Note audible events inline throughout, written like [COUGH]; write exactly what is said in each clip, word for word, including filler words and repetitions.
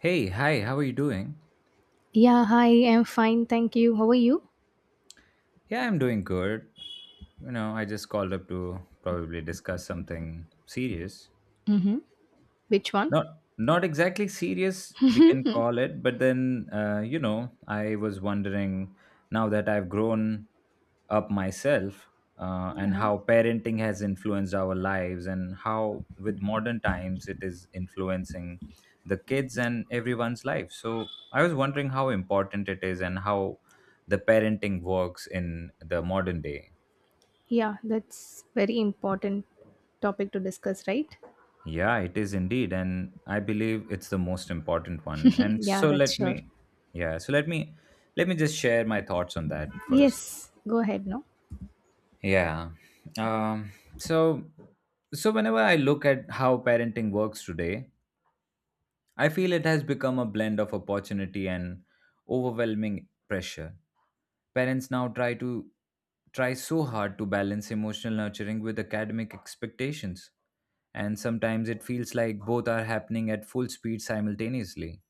Hey, hi, how are you doing? Yeah, hi, I'm fine, thank you. How are you? Yeah, I'm doing good. You know, I just called up to probably discuss something serious. Mm-hmm. Which one? Not not exactly serious, we can call it, but then uh, you know, I was wondering now that I've grown up myself uh, and Yeah. how parenting has influenced our lives and how with modern times it is influencing the kids and everyone's life. So I was wondering how important it is and how the parenting works in the modern day. Yeah, that's very important topic to discuss, right? Yeah, it is indeed, and I believe it's the most important one. And [LAUGHS] yeah, so that's let sure. me, yeah, so let me, let me just share my thoughts on that first. Yes, go ahead, no? Yeah. Um, so, so whenever I look at how parenting works today, I feel it has become a blend of opportunity and overwhelming pressure. Parents now try to try so hard to balance emotional nurturing with academic expectations, and sometimes it feels like both are happening at full speed simultaneously.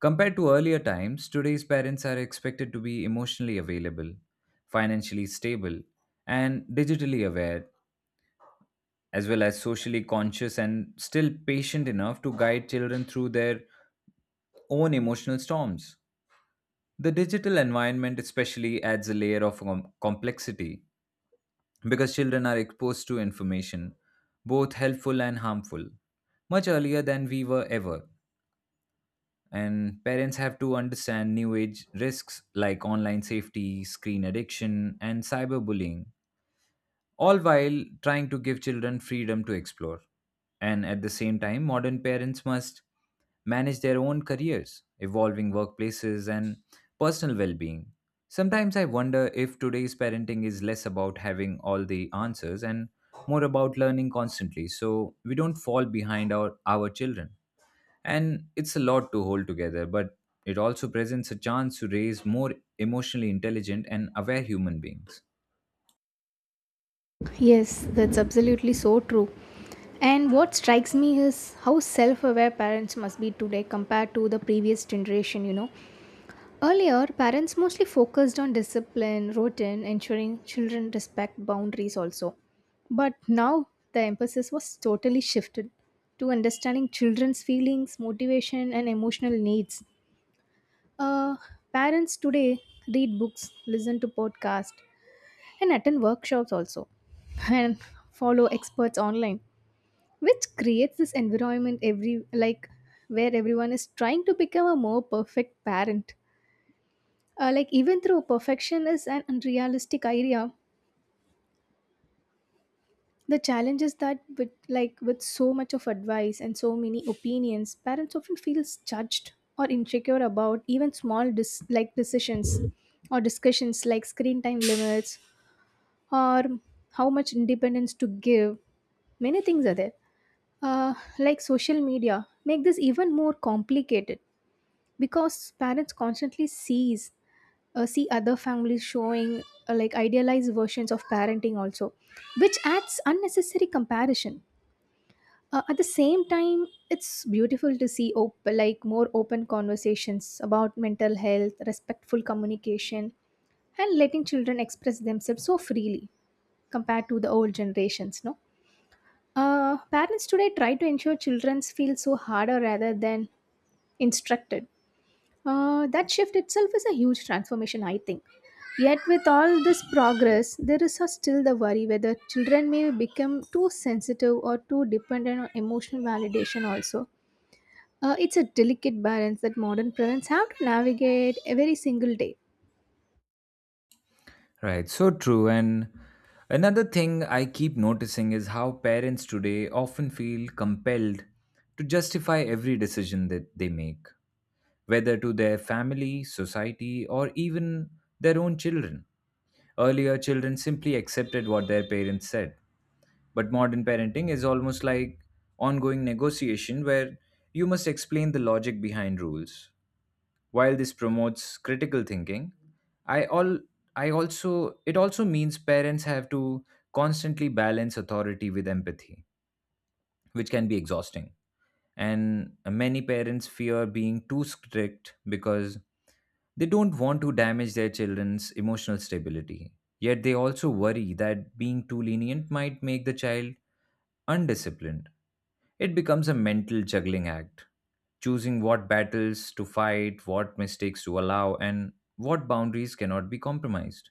Compared to earlier times, today's parents are expected to be emotionally available, financially stable, and digitally aware as well as socially conscious and still patient enough to guide children through their own emotional storms. The digital environment, especially, adds a layer of com- complexity because children are exposed to information, both helpful and harmful, much earlier than we were ever. And parents have to understand new age risks like online safety, screen addiction, and cyberbullying all while trying to give children freedom to explore. And at the same time, modern parents must manage their own careers, evolving workplaces, and personal well being. Sometimes I wonder if today's parenting is less about having all the answers and more about learning constantly so we don't fall behind our, our children. And it's a lot to hold together, but it also presents a chance to raise more emotionally intelligent and aware human beings. Yes, that's absolutely so true. And what strikes me is how self aware parents must be today compared to the previous generation, you know. Earlier, parents mostly focused on discipline, routine, ensuring children respect boundaries also. But now the emphasis was totally shifted to understanding children's feelings, motivation, and emotional needs. Uh, Parents today read books, listen to podcasts, and attend workshops also, [LAUGHS] and follow experts online, which creates this environment every like where everyone is trying to become a more perfect parent uh, like even through perfection is an unrealistic idea, the challenge is that with like with so much of advice and so many opinions parents often feels judged or insecure about even small dis- like decisions or discussions like screen time limits or how much independence to give, many things are there, uh, like social media make this even more complicated because parents constantly sees uh, see other families showing uh, like idealized versions of parenting also, which adds unnecessary comparison, uh, at the same time it's beautiful to see op- like more open conversations about mental health, respectful communication, and letting children express themselves so freely compared to the old generations no. Uh, parents today try to ensure children feel so harder rather than instructed. Uh, that shift itself is a huge transformation, I think. Yet, with all this progress, there is a- still the worry whether children may become too sensitive or too dependent on emotional validation, also. Uh, it's a delicate balance that modern parents have to navigate every single day. Right, so true. And another thing I keep noticing is how parents today often feel compelled to justify every decision that they make, whether to their family, society, or even their own children. Earlier, children simply accepted what their parents said, but modern parenting is almost like ongoing negotiation where you must explain the logic behind rules, while this promotes critical thinking, I all I also it also means parents have to constantly balance authority with empathy, which can be exhausting. And many parents fear being too strict because they don't want to damage their children's emotional stability. Yet they also worry that being too lenient might make the child undisciplined. It becomes a mental juggling act, choosing what battles to fight, what mistakes to allow, and what boundaries cannot be compromised.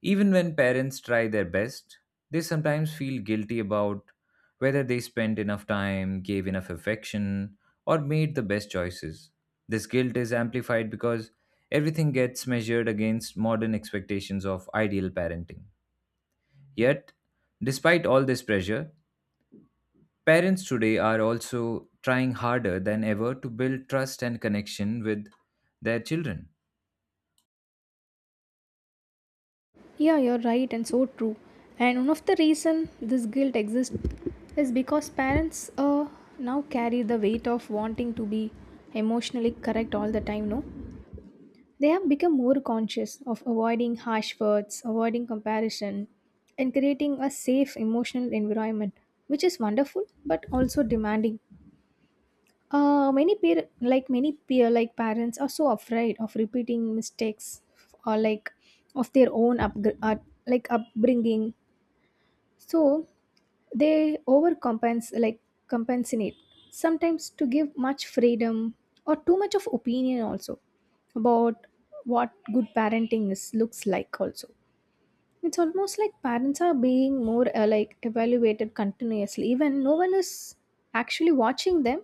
Even when parents try their best, they sometimes feel guilty about whether they spent enough time, gave enough affection, or made the best choices. This guilt is amplified because everything gets measured against modern expectations of ideal parenting. Yet, despite all this pressure, parents today are also trying harder than ever to build trust and connection with their children. Yeah, you're right, and so true. And one of the reason this guilt exists is because parents uh, now carry the weight of wanting to be emotionally correct all the time, no? They have become more conscious of avoiding harsh words, avoiding comparison, and creating a safe emotional environment, which is wonderful but also demanding. Uh, many peer, like many peer, like parents are so afraid of repeating mistakes or like of their own up uh, like upbringing. So they overcompensate like compensate sometimes to give much freedom or too much of opinion also about what good parenting is looks like also. It's almost like parents are being more uh, like evaluated continuously even no one is actually watching them,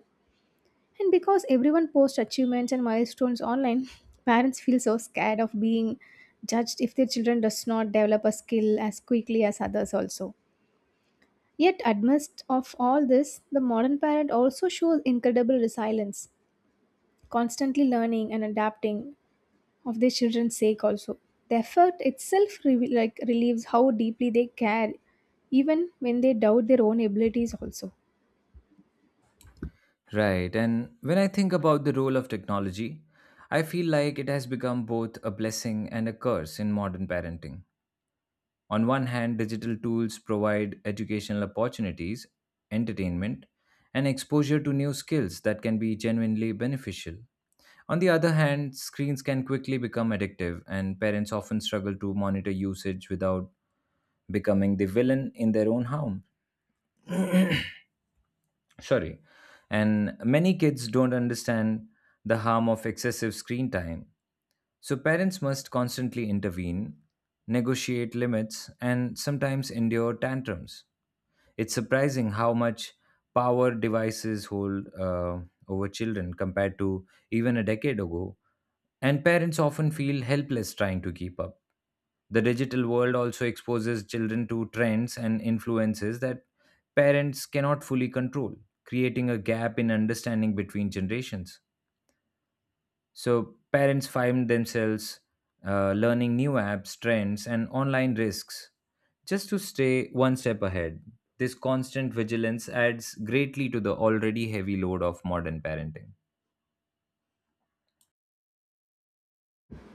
and because everyone posts achievements and milestones online [LAUGHS] parents feel so scared of being judged if their children does not develop a skill as quickly as others also. Yet, amidst of all this, the modern parent also shows incredible resilience, constantly learning and adapting of their children's sake. Also, the effort itself re- like relieves how deeply they care, even when they doubt their own abilities. Also, Right. And when I think about the role of technology, I feel like it has become both a blessing and a curse in modern parenting. On one hand, digital tools provide educational opportunities, entertainment, and exposure to new skills that can be genuinely beneficial. On the other hand, screens can quickly become addictive, and parents often struggle to monitor usage without becoming the villain in their own harm. Sorry. And many kids don't understand the harm of excessive screen time. So parents must constantly intervene, negotiate limits, and sometimes endure tantrums. It's surprising how much power devices hold uh, over children compared to even a decade ago, and parents often feel helpless trying to keep up. The digital world also exposes children to trends and influences that parents cannot fully control, creating a gap in understanding between generations. So parents find themselves uh, learning new apps, trends, and online risks just to stay one step ahead. This constant vigilance adds greatly to the already heavy load of modern parenting.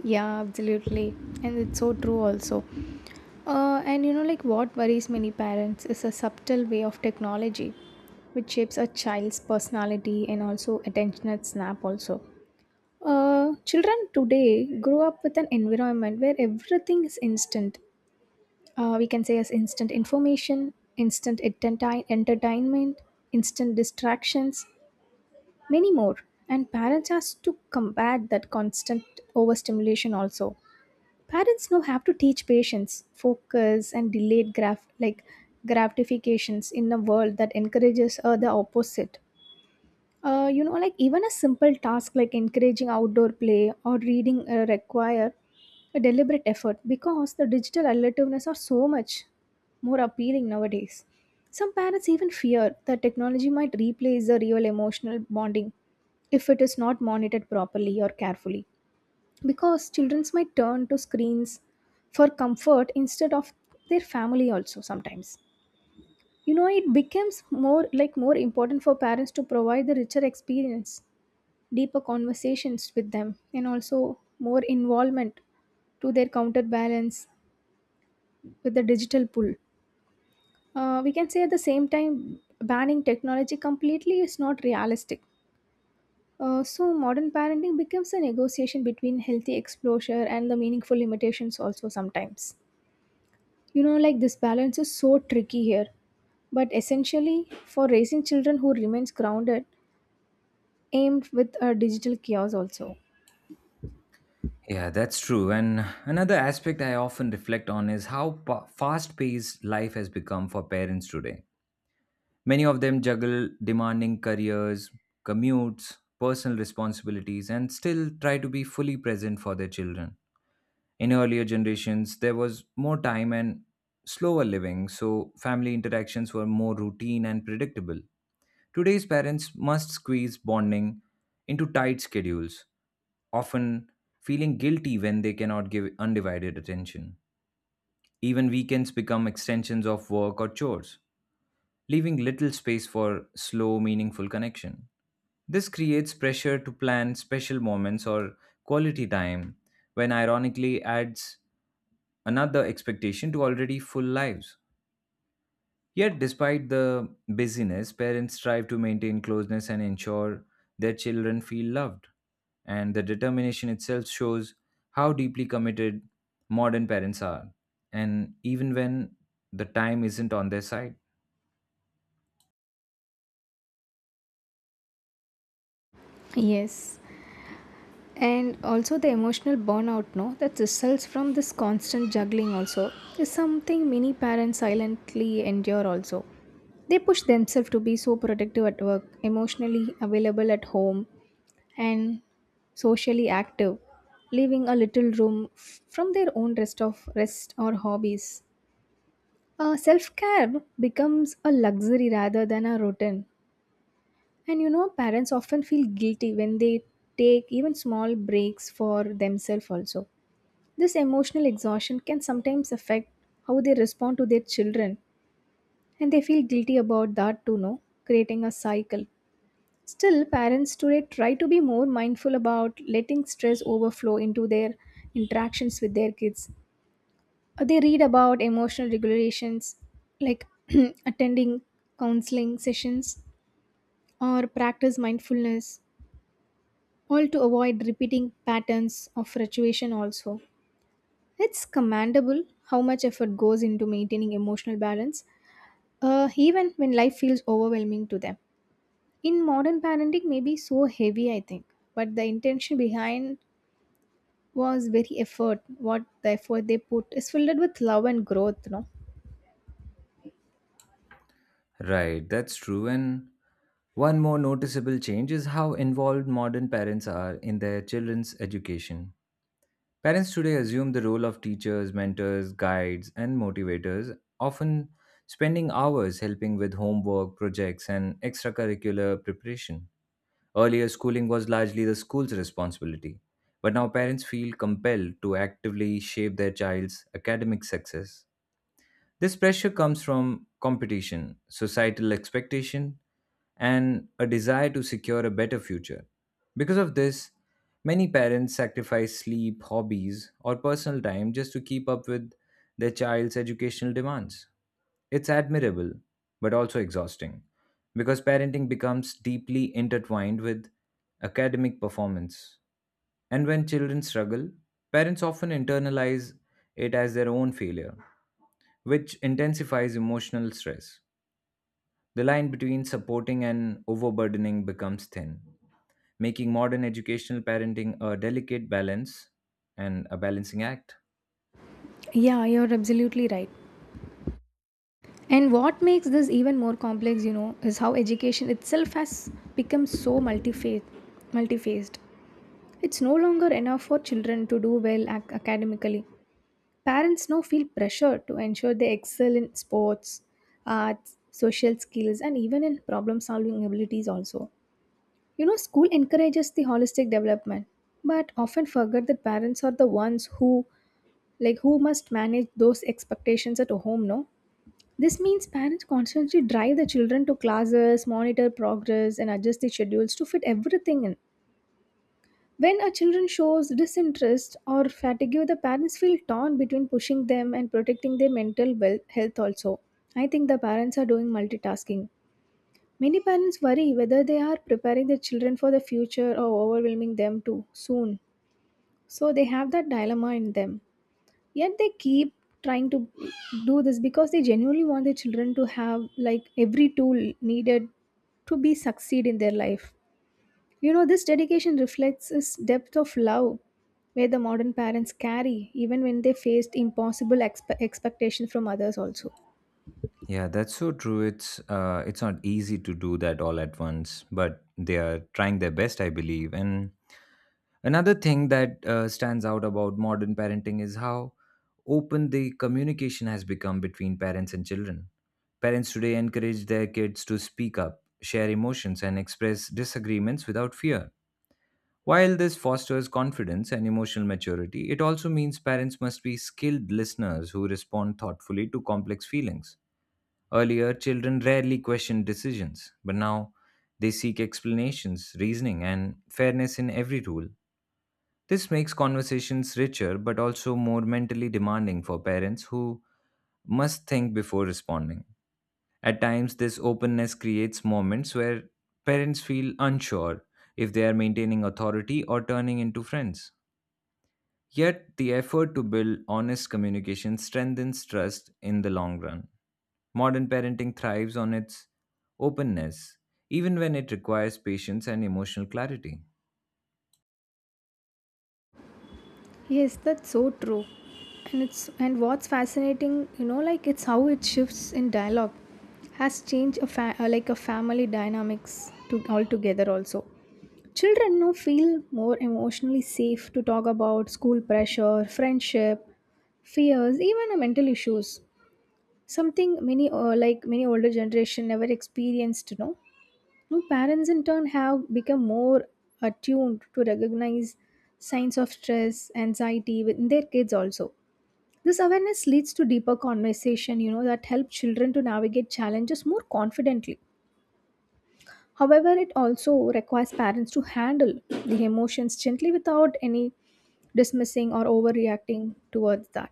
yeah, absolutely, and it's so true. Also, uh, and you know, like what worries many parents is a subtle way of technology which shapes a child's personality and also attention at snap also. Uh, children today grow up with an environment where everything is instant. Uh, we can say as instant information, instant entertain- entertainment, instant distractions, many more. And parents has to combat that constant overstimulation also. Parents now have to teach patience, focus, and delayed graph like gratifications in a world that encourages uh, the opposite. Uh, you know, like even a simple task like encouraging outdoor play or reading uh, require a deliberate effort because the digital alternatives are so much more appealing nowadays. Some parents even fear that technology might replace the real emotional bonding if it is not monitored properly or carefully, because children might turn to screens for comfort instead of their family also sometimes. You know, it becomes more like more important for parents to provide the richer experience, deeper conversations with them and also more involvement to their counterbalance with the digital pull. Uh, we can say at the same time, banning technology completely is not realistic. Uh, so, modern parenting becomes a negotiation between healthy exposure and the meaningful limitations, also sometimes. You know, like this balance is so tricky here, but essentially for raising children who remains grounded, aimed with a digital chaos also. Yeah, that's true. And another aspect I often reflect on is how pa- fast paced life has become for parents today. Many of them juggle demanding careers, commutes, personal responsibilities, and still try to be fully present for their children. In earlier generations, there was more time and slower living, so family interactions were more routine and predictable. Today's parents must squeeze bonding into tight schedules, often feeling guilty when they cannot give undivided attention. Even weekends become extensions of work or chores, leaving little space for slow, meaningful connection. This creates pressure to plan special moments or quality time, when ironically adds another expectation to already full lives. Yet, despite the busyness, parents strive to maintain closeness and ensure their children feel loved. And the determination itself shows how deeply committed modern parents are, and even when the time isn't on their side. Yes, and also the emotional burnout no that results from this constant juggling also is something many parents silently endure also. They push themselves to be so productive at work, emotionally available at home, and socially active, leaving a little room f- from their own rest of rest or hobbies. Uh, self-care becomes a luxury rather than a routine, and you know, parents often feel guilty when they take even small breaks for themselves, also. This emotional exhaustion can sometimes affect how they respond to their children, and they feel guilty about that too, no? Creating a cycle. Still, parents today try to be more mindful about letting stress overflow into their interactions with their kids. Uh, They read about emotional regulations like [CLEARS THROAT] attending counseling sessions or practice mindfulness, all to avoid repeating patterns of fluctuation also. It's commendable how much effort goes into maintaining emotional balance, uh, even when life feels overwhelming to them. In modern parenting may be so heavy I think, but the intention behind was very effort, what the effort they put is filled with love and growth no. Right, that's true. And one more noticeable change is how involved modern parents are in their children's education. Parents today assume the role of teachers, mentors, guides, and motivators, often spending hours helping with homework, projects, and extracurricular preparation. Earlier, schooling was largely the school's responsibility, but now parents feel compelled to actively shape their child's academic success. This pressure comes from competition, societal expectation, and a desire to secure a better future. Because of this, many parents sacrifice sleep, hobbies, or personal time just to keep up with their child's educational demands. It's admirable, but also exhausting, because parenting becomes deeply intertwined with academic performance. And when children struggle, parents often internalize it as their own failure, which intensifies emotional stress. The line between supporting and overburdening becomes thin, making modern educational parenting a delicate balance and a balancing act. Yeah, you're absolutely right. And what makes this even more complex you know is how education itself has become so multifac- multifaced. It's no longer enough for children to do well ac- academically. Parents now feel pressure to ensure they excel in sports, arts, social skills, and even in problem solving abilities, also. You know, school encourages the holistic development, but often forget that parents are the ones who like who must manage those expectations at home no. This means parents constantly drive the children to classes, monitor progress and adjust the schedules to fit everything in. When a children shows disinterest or fatigue, the parents feel torn between pushing them and protecting their mental well- health also. I think the parents are doing multitasking. Many parents worry whether they are preparing their children for the future or overwhelming them too soon. So they have that dilemma in them. Yet they keep trying to do this because they genuinely want their children to have like every tool needed to be succeed in their life. You know, this dedication reflects his depth of love, where the modern parents carry, even when they faced impossible expe- expectations from others, also. Yeah, that's so true. It's uh, it's not easy to do that all at once, but they are trying their best, I believe. And another thing that uh, stands out about modern parenting is how open the communication has become between parents and children. Parents today encourage their kids to speak up, share emotions, and express disagreements without fear. While this fosters confidence and emotional maturity, it also means parents must be skilled listeners who respond thoughtfully to complex feelings. Earlier, children rarely questioned decisions, but now they seek explanations, reasoning, and fairness in every rule. This makes conversations richer but also more mentally demanding for parents who must think before responding. At times, this openness creates moments where parents feel unsure if they are maintaining authority or turning into friends. Yet, the effort to build honest communication strengthens trust in the long run. Modern parenting thrives on its openness, even when it requires patience and emotional clarity. Yes, that's so true. And it's and what's fascinating, you know, like it's how it shifts in dialogue, has changed a fa- uh, like a family dynamics to altogether also. Children now feel more emotionally safe to talk about school pressure, friendship, fears, even uh, mental issues. Something many uh, like many older generation never experienced you know. Now, parents in turn have become more attuned to recognize signs of stress anxiety within their kids also. This awareness leads to deeper conversation you know that help children to navigate challenges more confidently. However it also requires parents to handle the emotions gently without any dismissing or overreacting towards that.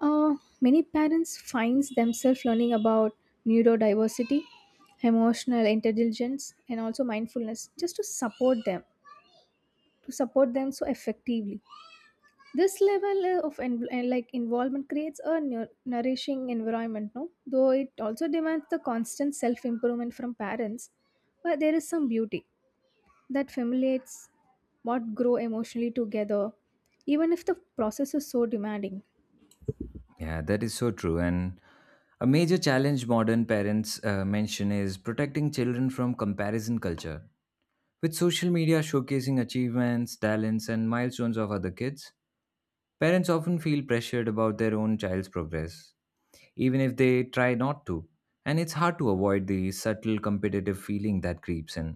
uh, Many parents finds themselves learning about neurodiversity, emotional intelligence, and also mindfulness just to support them to support them so effectively. This level uh, of en- uh, like involvement creates a nu- nourishing environment, no? Though it also demands the constant self improvement from parents, but there is some beauty that familiates what grow emotionally together, even if the process is so demanding. Yeah, that is so true. And a major challenge modern parents uh, mention is protecting children from comparison culture. With social media showcasing achievements, talents, and milestones of other kids, parents often feel pressured about their own child's progress, even if they try not to. And it's hard to avoid the subtle competitive feeling that creeps in.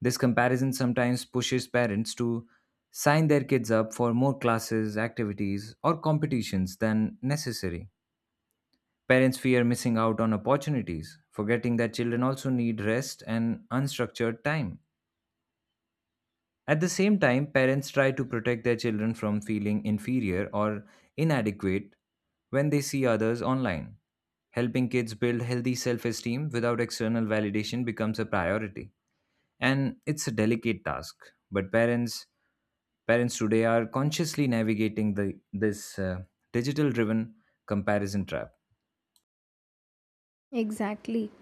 This comparison sometimes pushes parents to sign their kids up for more classes, activities, or competitions than necessary. Parents fear missing out on opportunities, forgetting that children also need rest and unstructured time. At the same time, parents try to protect their children from feeling inferior or inadequate when they see others online. Helping kids build healthy self esteem without external validation becomes a priority. And it's a delicate task, but parents parents today are consciously navigating the, this uh, digital driven comparison trap. Exactly.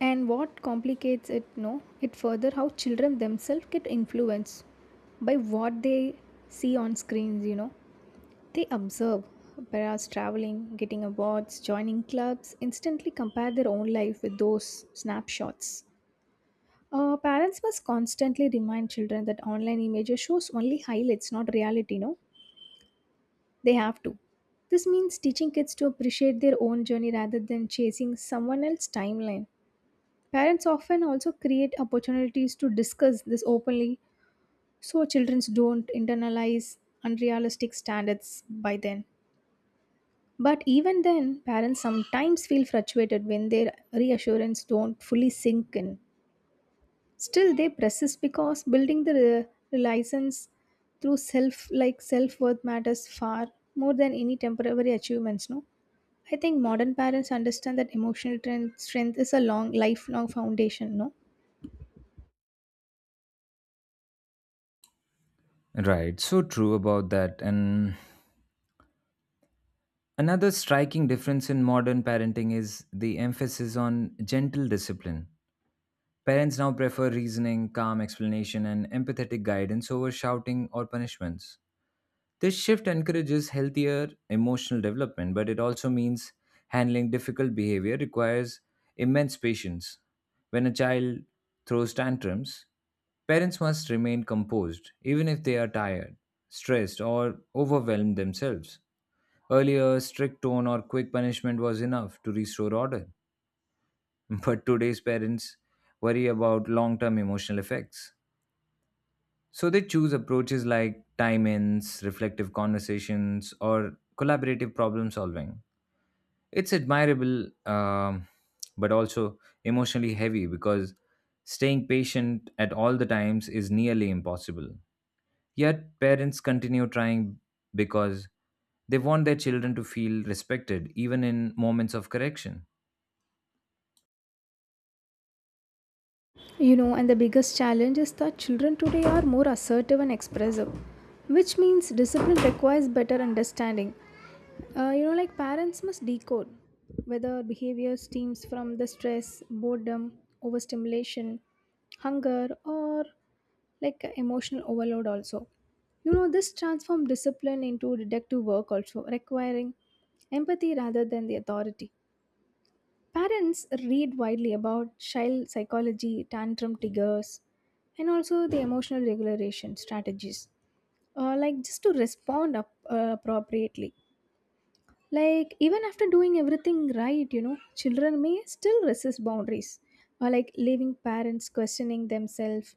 And what complicates it no, it further how children themselves get influenced by what they see on screens, you know. They observe whereas traveling, getting awards, joining clubs, instantly compare their own life with those snapshots. Uh, parents must constantly remind children that online images shows only highlights, not reality, no? They have to. This means teaching kids to appreciate their own journey rather than chasing someone else's timeline. Parents often also create opportunities to discuss this openly so children don't internalize unrealistic standards by then. But even then, parents sometimes feel frustrated when their reassurance don't fully sink in. Still, they persist because building the re- license through self like self worth matters far more than any temporary achievements. No, I think modern parents understand that emotional tren- strength is a long lifelong foundation. No. Right, so true about that. And another striking difference in modern parenting is the emphasis on gentle discipline. Parents now prefer reasoning, calm explanation, and empathetic guidance over shouting or punishments. This shift encourages healthier emotional development, but it also means handling difficult behavior requires immense patience. When a child throws tantrums, parents must remain composed, even if they are tired, stressed, or overwhelmed themselves. Earlier, strict tone or quick punishment was enough to restore order, [LAUGHS] but today's parents worry about long term emotional effects. So they choose approaches like time ins, reflective conversations, or collaborative problem solving. It's admirable, um, but also emotionally heavy because staying patient at all the times is nearly impossible. Yet parents continue trying because they want their children to feel respected even in moments of correction. You know, and the biggest challenge is that children today are more assertive and expressive, which means discipline requires better understanding. Uh, you know, like parents must decode whether behavior stems from the stress, boredom, overstimulation, hunger, or like emotional overload, also. You know, this transforms discipline into deductive work, also requiring empathy rather than the authority. Parents read widely about child psychology, tantrum triggers, and also the emotional regulation strategies, uh, like just to respond up, uh, appropriately. Like, even after doing everything right, you know, children may still resist boundaries, or like leaving parents questioning themselves.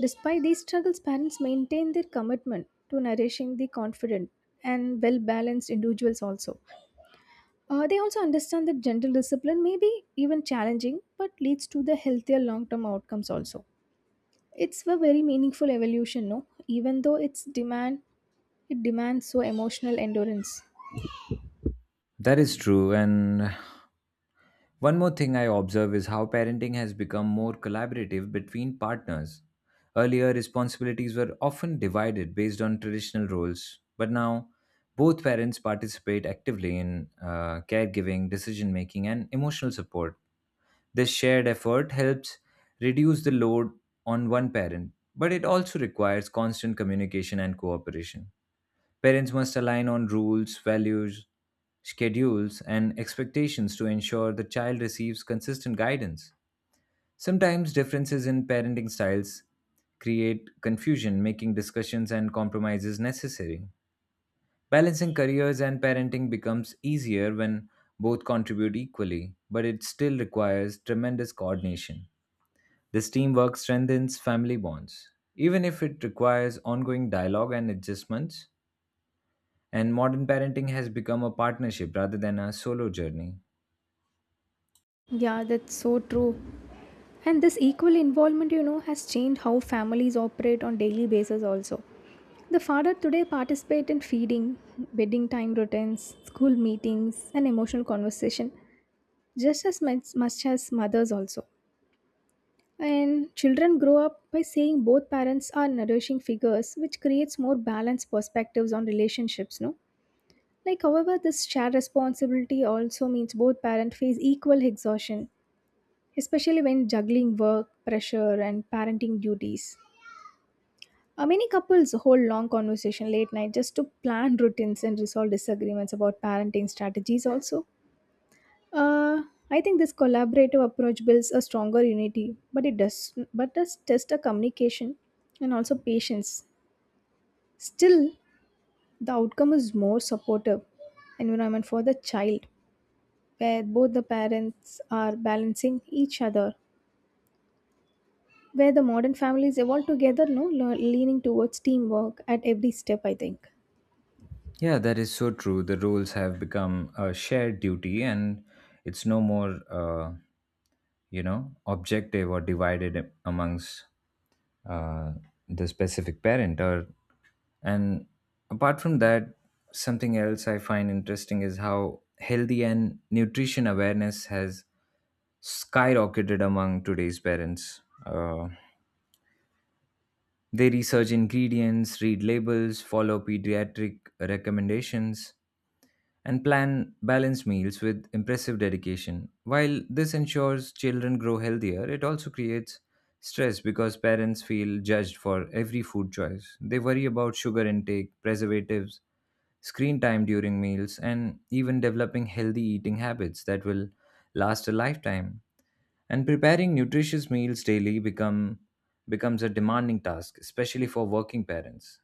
Despite these struggles, parents maintain their commitment to nourishing the confident and well balanced individuals also. Uh, they also understand that gentle discipline may be even challenging, but leads to the healthier long term outcomes also. It's a very meaningful evolution, no? Even though it's demand it demands so emotional endurance. That is true, and one more thing I observe is how parenting has become more collaborative between partners. Earlier, responsibilities were often divided based on traditional roles, but now both parents participate actively in uh, caregiving, decision making, and emotional support. This shared effort helps reduce the load on one parent, but it also requires constant communication and cooperation. Parents must align on rules, values, schedules, and expectations to ensure the child receives consistent guidance. Sometimes differences in parenting styles create confusion, making discussions and compromises necessary. Balancing careers and parenting becomes easier when both contribute equally, but it still requires tremendous coordination. This teamwork strengthens family bonds. Even if it requires ongoing dialogue and adjustments, and modern parenting has become a partnership rather than a solo journey. Yeah, that's so true. And this equal involvement, you know, has changed how families operate on daily basis also. The father today participate in feeding, bedding time routines, school meetings, and emotional conversation, just as much, much as mothers also. And children grow up by saying both parents are nourishing figures, which creates more balanced perspectives on relationships, no? Like, however, this shared responsibility also means both parents face equal exhaustion, especially when juggling work, pressure, and parenting duties. Uh, many couples hold long conversation late night just to plan routines and resolve disagreements about parenting strategies also. Uh, I think this collaborative approach builds a stronger unity, but it does but does test a communication and also patience. Still, the outcome is more supportive environment for the child, where both the parents are balancing each other, where the modern families evolve together, no le- leaning towards teamwork at every step, I think. Yeah, that is so true. The roles have become a shared duty and it's no more, uh, you know, objective or divided amongst uh, the specific parent. Or And apart from that, something else I find interesting is how healthy and nutrition awareness has skyrocketed among today's parents. Uh, They research ingredients, read labels, follow pediatric recommendations, and plan balanced meals with impressive dedication. While this ensures children grow healthier, it also creates stress because parents feel judged for every food choice. They worry about sugar intake, preservatives, screen time during meals, and even developing healthy eating habits that will last a lifetime and preparing nutritious meals daily become becomes a demanding task, especially for working parents.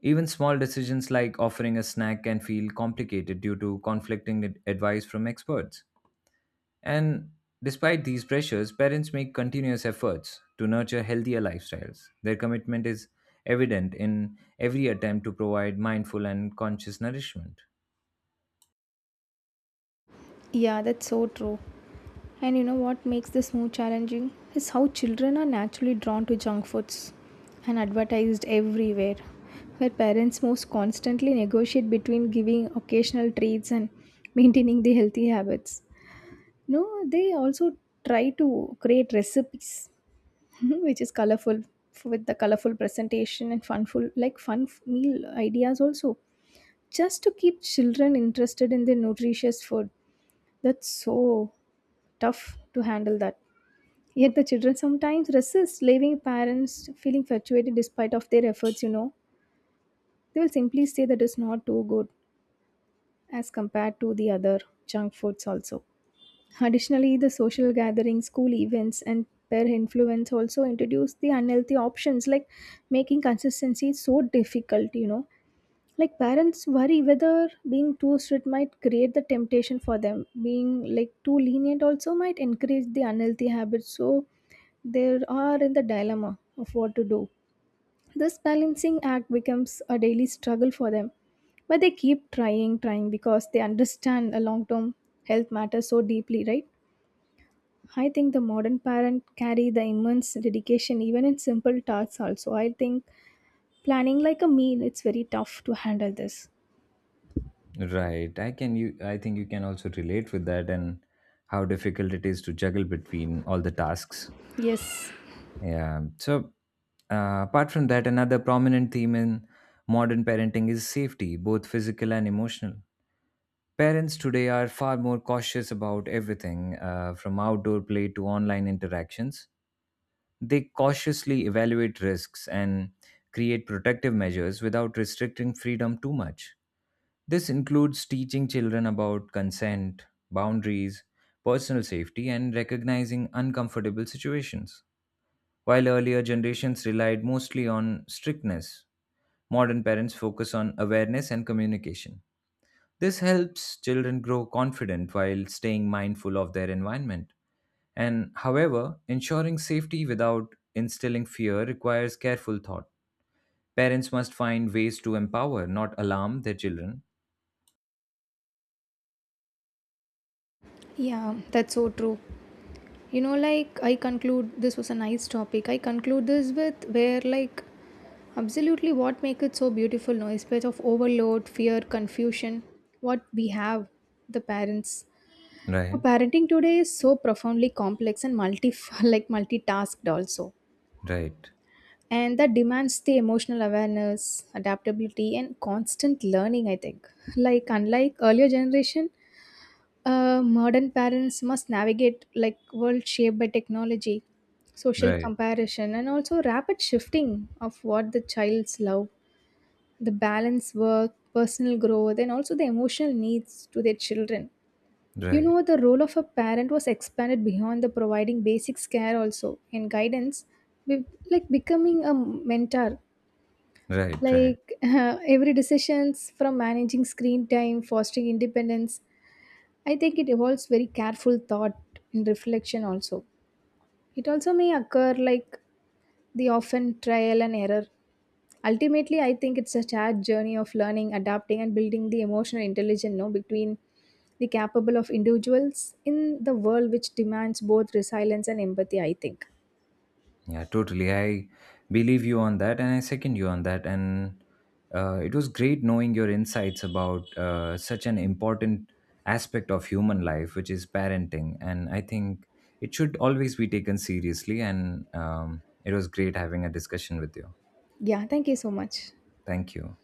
Even small decisions like offering a snack can feel complicated due to conflicting ad- advice from experts. And despite these pressures, parents make continuous efforts to nurture healthier lifestyles. Their commitment is evident in every attempt to provide mindful and conscious nourishment. Yeah, that's so true. And you know what makes this more challenging is how children are naturally drawn to junk foods and advertised everywhere, where parents most constantly negotiate between giving occasional treats and [LAUGHS] maintaining the healthy habits. No, they also try to create recipes [LAUGHS] which is colorful with the colorful presentation and funful like fun f- meal ideas also, just to keep children interested in the nutritious food. That's so tough to handle that. Yet the children sometimes resist, leaving parents feeling fluctuated despite of their efforts, you know. They will simply say that it's not too good as compared to the other junk foods also. Additionally, the social gatherings, school events, and peer influence also introduce the unhealthy options, like making consistency so difficult, you know, like parents worry whether being too strict might create the temptation for them, being like too lenient also might encourage the unhealthy habits, so they are in the dilemma of what to do. This balancing act becomes a daily struggle for them, but they keep trying trying because they understand a long term health matter so deeply, right? I think the modern parent carry the immense dedication even in simple tasks also, I think. Planning like a meal, it's very tough to handle this. Right. I can you I think you can also relate with that and how difficult it is to juggle between all the tasks. Yes. Yeah. So uh, apart from that, another prominent theme in modern parenting is safety, both physical and emotional. Parents today are far more cautious about everything, uh, from outdoor play to online interactions. They cautiously evaluate risks and create protective measures without restricting freedom too much. This includes teaching children about consent, boundaries, personal safety, and recognizing uncomfortable situations. While earlier generations relied mostly on strictness, modern parents focus on awareness and communication. This helps children grow confident while staying mindful of their environment. And however, ensuring safety without instilling fear requires careful thought. Parents must find ways to empower, not alarm their children. Yeah, that's so true. You know, like I conclude this was a nice topic. I conclude this with where, like, absolutely what make it so beautiful, no space of overload, fear, confusion, what we have, the parents. Our Right, parenting today is so profoundly complex and multi [LAUGHS] like multitasked also, right, and that demands the emotional awareness, adaptability, and constant learning, I think. Like, unlike earlier generation. Uh, modern parents must navigate like world shaped by technology, social right. comparison, and also rapid shifting of what the child's love, the balance work, personal growth, and also the emotional needs to their children. You Right, know, the role of a parent was expanded beyond the providing basics care also and guidance, with like becoming a mentor. right, right. Like [LAUGHS] every decisions from managing screen time, fostering independence, I think it involves very careful thought and reflection also. It also may occur like the often trial and error. Ultimately, I think it's a shared journey of learning, adapting, and building the emotional intelligence, no, between the capable of individuals in the world which demands both resilience and empathy, I think. Yeah, totally. I believe you on that and I second you on that. And uh, it was great knowing your insights about uh, such an important aspect of human life, which is parenting. And I think it should always be taken seriously. And um, it was great having a discussion with you. Yeah, thank you so much. Thank you.